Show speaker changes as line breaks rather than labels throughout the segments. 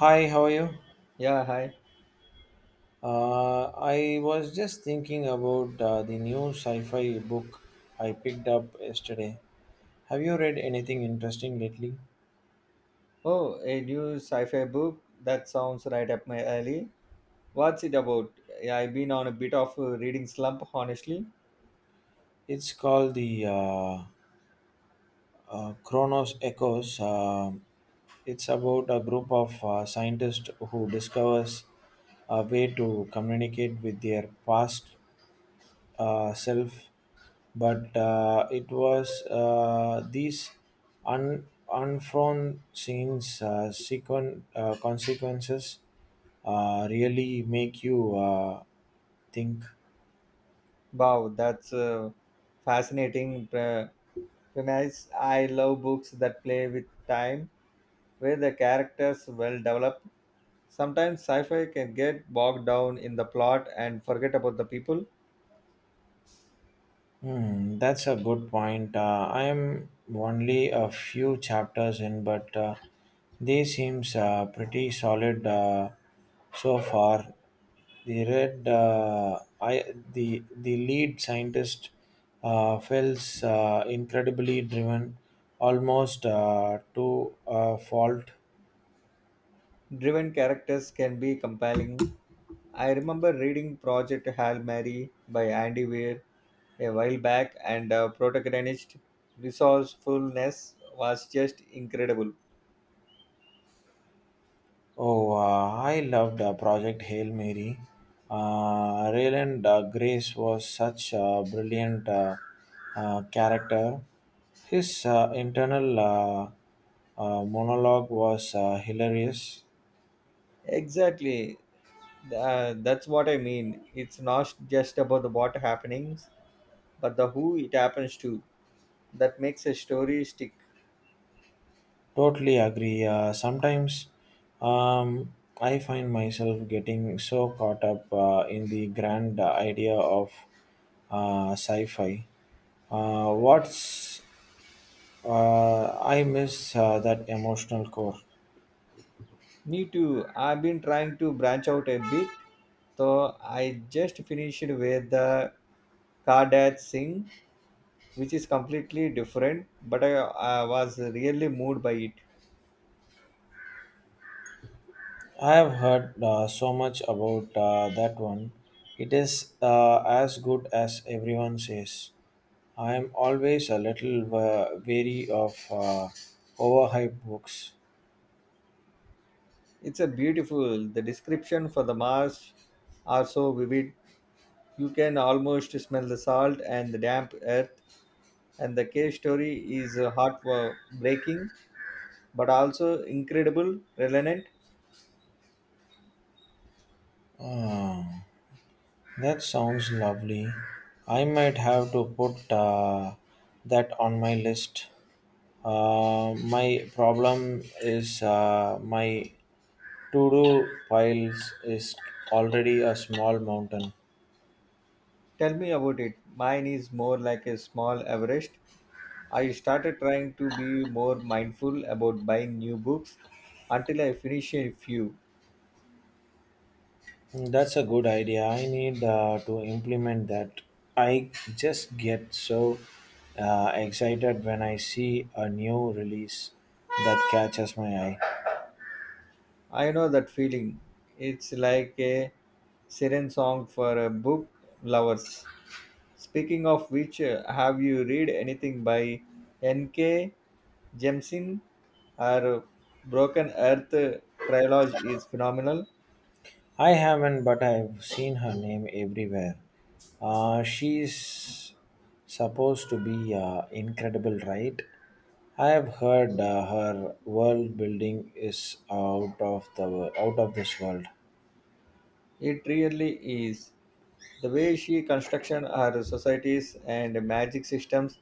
Hi, how are you?
Yeah, hi.
I was just thinking about the new sci fi book I picked up yesterday. Have you read anything interesting lately?
Oh, a new sci-fi book that sounds right up my alley. What's it about? Yeah, I've been on a bit of a reading slump, honestly.
It's called the Chronos Echoes. It's about a group of scientists who discovers a way to communicate with their past self, but it was these unforeseen consequences really make you think.
Wow, that's a fascinating pre- premise. I love books that play with time, where the characters well developed. Sometimes sci-fi can get bogged down in the plot and forget about the people.
Hmm, that's a good point. I am only a few chapters in, but they seems pretty solid so far. The red, I The lead scientist feels incredibly driven, almost to a fault.
Driven characters can be compelling. I remember reading Project Hail Mary by Andy Weir a while back, and protagonist resourcefulness was just incredible.
Oh, I loved Project Hail Mary. Rayland Grace was such a brilliant character. His internal monologue was hilarious.
Exactly. That's what I mean. It's not just about the what happenings, but the who it happens to. That makes a story stick.
Totally agree. Sometimes um, I find myself getting so caught up in the grand idea of sci fi. What's I miss that emotional core.
Me too. I've been trying to branch out a bit, so I just finished with the Kardat Singh, which is completely different, but I was really moved by it.
I have heard so much about that one. It is as good as everyone says. I am always a little wary of overhyped books.
It's a beautiful. The description for the marsh are so vivid. You can almost smell the salt and the damp earth. And the cave story is heartbreaking, but also incredible, relevant.
Ah, that sounds lovely. I might have to put that on my list. My problem is my to-do piles is already a small mountain.
Tell me about it. Mine is more like a small Everest. I started trying to be more mindful about buying new books until I finish a few.
That's a good idea. I need to implement that. I just get so excited when I see a new release that catches my eye.
I know that feeling. It's like a siren song for a book lovers. Speaking of which, have you read anything by N.K. Jemisin? Her Broken Earth trilogy is phenomenal.
I haven't, but I've seen her name everywhere. She's supposed to be incredible, right? I have heard her world building is out of this world.
It really is. The way she constructs her societies and magic systems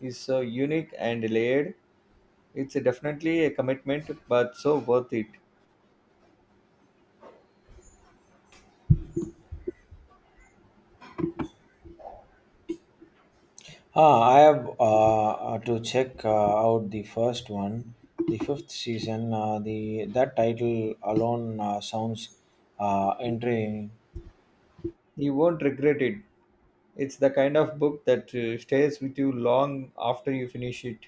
is so unique and layered. It's definitely a commitment, but so worth it.
Ah, I have to check out the first one, the fifth season. The That title alone sounds intriguing.
You won't regret it. It's the kind of book that stays with you long after you finish it.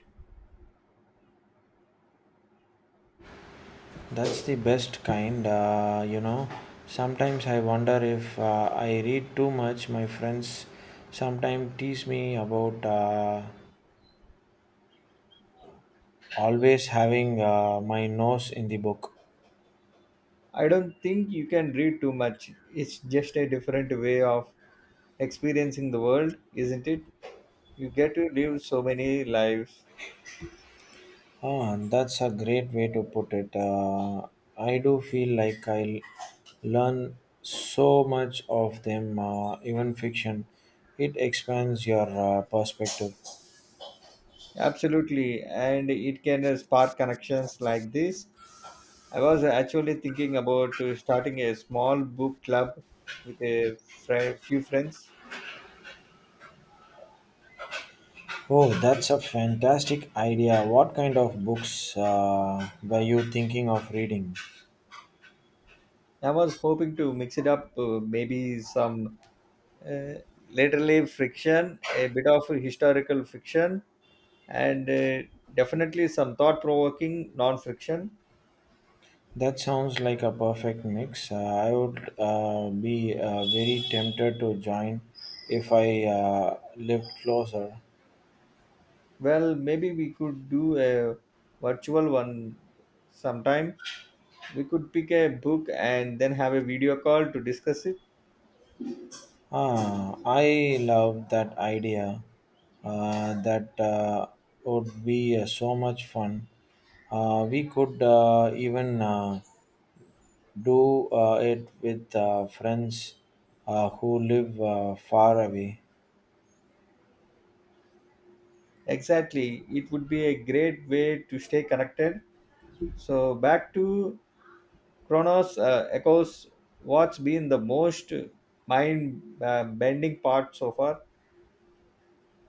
That's the best kind. Sometimes I wonder if I read too much. My friends sometimes tease me about always having my nose in the book.
I don't think you can read too much. It's just a different way of experiencing the world, isn't it? You get to live so many lives.
Ah, that's a great way to put it. I do feel like I learn so much of them, even fiction. It expands your perspective.
Absolutely, and it can spark connections like this. I was actually thinking about starting a small book club with a fri few friends.
Oh, that's a fantastic idea. What kind of books were you thinking of reading?
I was hoping to mix it up, maybe some uh, literally friction, a bit of historical fiction, and definitely some thought provoking non friction.
That sounds like a perfect mix. I would be very tempted to join if I lived closer.
Well, maybe we could do a virtual one sometime. We could pick a book and then have a video call to discuss it.
Ah, I love that idea. That would be so much fun. We could even do it with friends who live far away.
Exactly, it would be a great way to stay connected. So, back to Chronos Echoes, what's been the most mind bending part so far?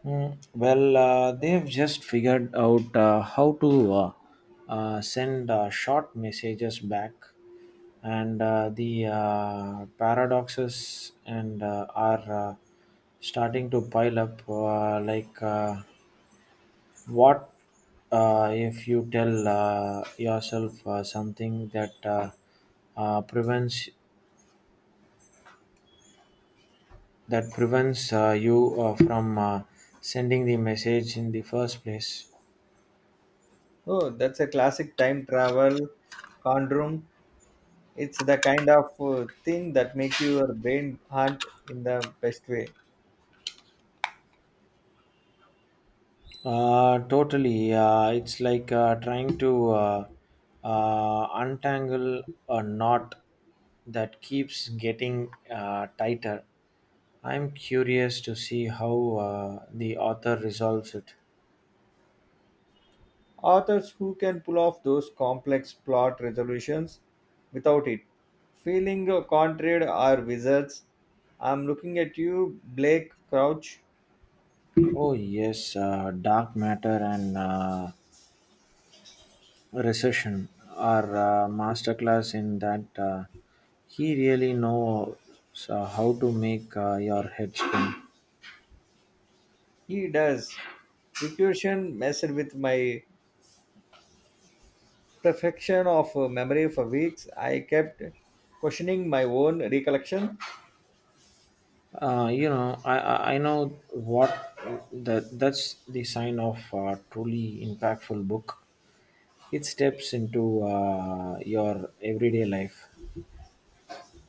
Mm, well, they've just figured out how to send short messages back, and the paradoxes and are starting to pile up. Like, what if you tell yourself something uh, prevents that prevents you from sending the message in the first place?
Oh, that's a classic time travel conundrum. It's the kind of thing that make your brain hunt in the best way.
Totally. It's like trying to untangle a knot that keeps getting tighter. I'm curious to see how the author resolves it.
Authors who can pull off those complex plot resolutions without it feeling contraried are wizards. I'm looking at you, Blake Crouch.
Oh, yes, dark matter and recession are masterclass in that. He really knows how to make your head spin.
He does. Recursion messed with my perfection of memory for weeks. I kept questioning my own recollection.
I know what that's the sign of a truly impactful book. It steps into your everyday life.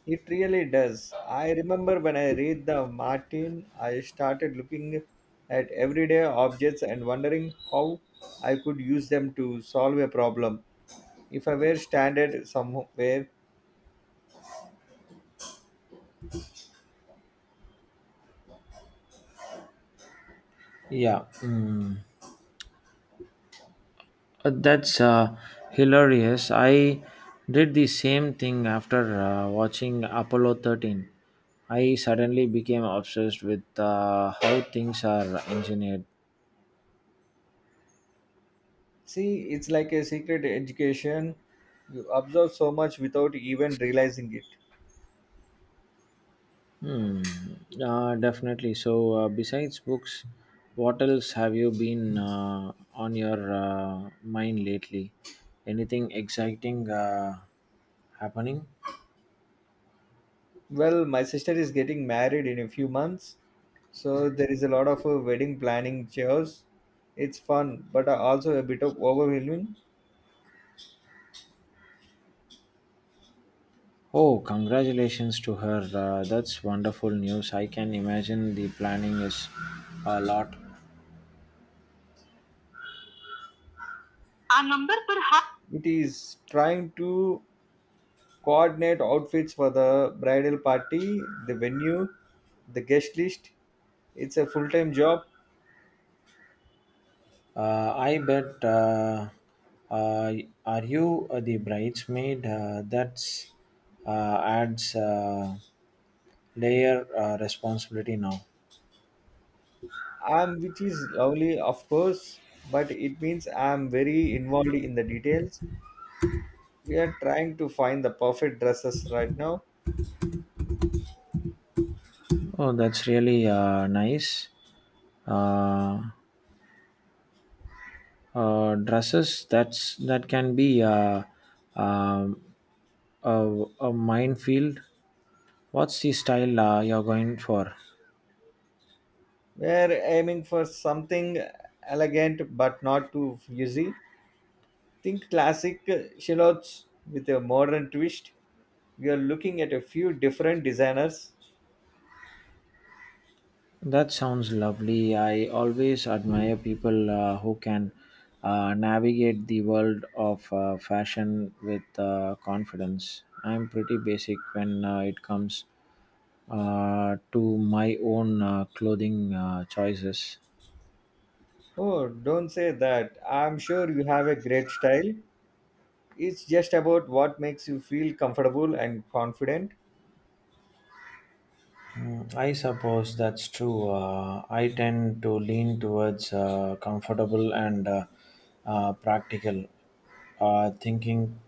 It really does. I remember when I read the Martin, I started looking at everyday objects and wondering how I could use them to solve a problem. If I were standard somewhere,
Yeah, that's hilarious. I did the same thing after watching Apollo 13. I suddenly became obsessed with how things are engineered.
see, it's like a secret education. You absorb so much without even realizing it.
Hmm. Definitely. So, besides books, what else have you been on your mind lately? Anything exciting happening?
Well, my sister is getting married in a few months, so there is a lot of wedding planning chores. It's fun, but also a bit of overwhelming.
Oh, congratulations to her. That's wonderful news. I can imagine the planning is a lot. A number, perhaps.
It is trying to coordinate outfits for the bridal party, the venue, the guest list, it's a full-time job.
I bet. Uh, are you the bridesmaid? That's adds layer responsibility now.
I'm, which is lovely of course, but it means I'm very involved in the details. We are trying to find the perfect dresses right now.
Oh, that's really nice. Uh, Dresses that can be um a minefield. What's the style you're going for?
We're aiming for something elegant but not too fuzzy. Think classic shallots with a modern twist. We are looking at a few different designers.
That sounds lovely. I always admire people who can navigate the world of fashion with confidence. I'm pretty basic when it comes to my own clothing choices.
Oh, don't say that. I'm sure you have a great style. It's just about what makes you feel comfortable and confident.
Mm, I suppose that's true. I tend to lean towards comfortable and practical, thinking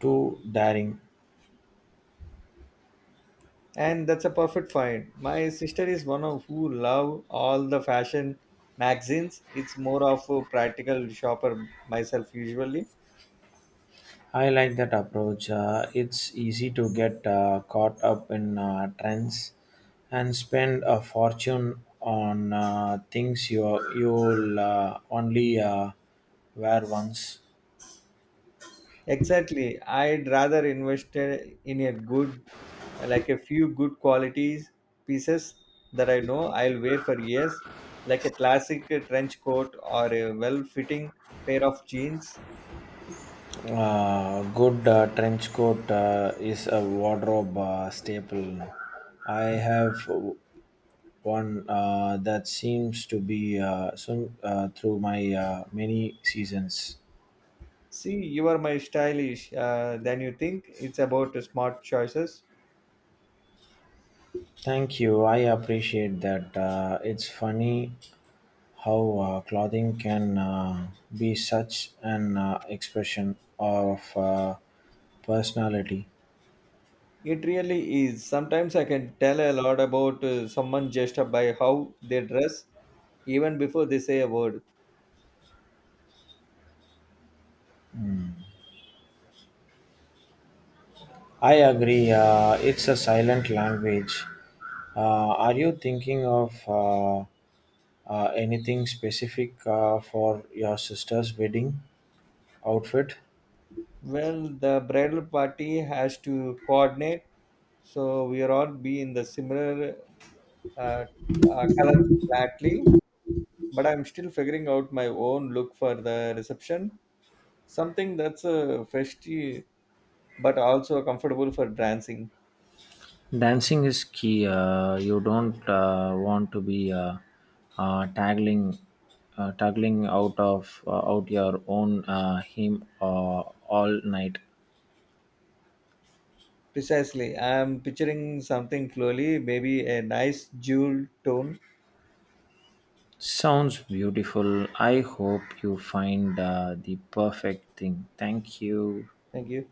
too daring.
And that's a perfect find. My sister is one of who love all the fashion magazines. It's more of a practical shopper myself usually.
I like that approach. It's easy to get caught up in trends and spend a fortune on things you'll only wear once.
Exactly. I'd rather invest in a good, like a few good qualities pieces that I know I'll wear for years, like a classic trench coat or a well fitting pair of jeans.
Good trench coat is a wardrobe staple. I have one that seems to be soon through my many seasons.
See, you are my stylish than you think. It's about smart choices.
Thank you. I appreciate that. It's funny how clothing can be such an expression of personality.
It really is. Sometimes I can tell a lot about someone just by how they dress, even before they say a word.
I agree. It's a silent language. Are you thinking of anything specific for your sister's wedding outfit?
Well, the bridal party has to coordinate, so we are all be in the similar uh, color flatly. But I'm still figuring out my own look for the reception. Something that's festive but also comfortable for dancing.
Dancing is key. You don't want to be uh, tagging, tagging out of out your own hymn all night.
Precisely, I'm picturing something slowly, maybe a nice jewel tone.
Sounds beautiful. I hope you find the perfect thing. Thank you.
Thank you.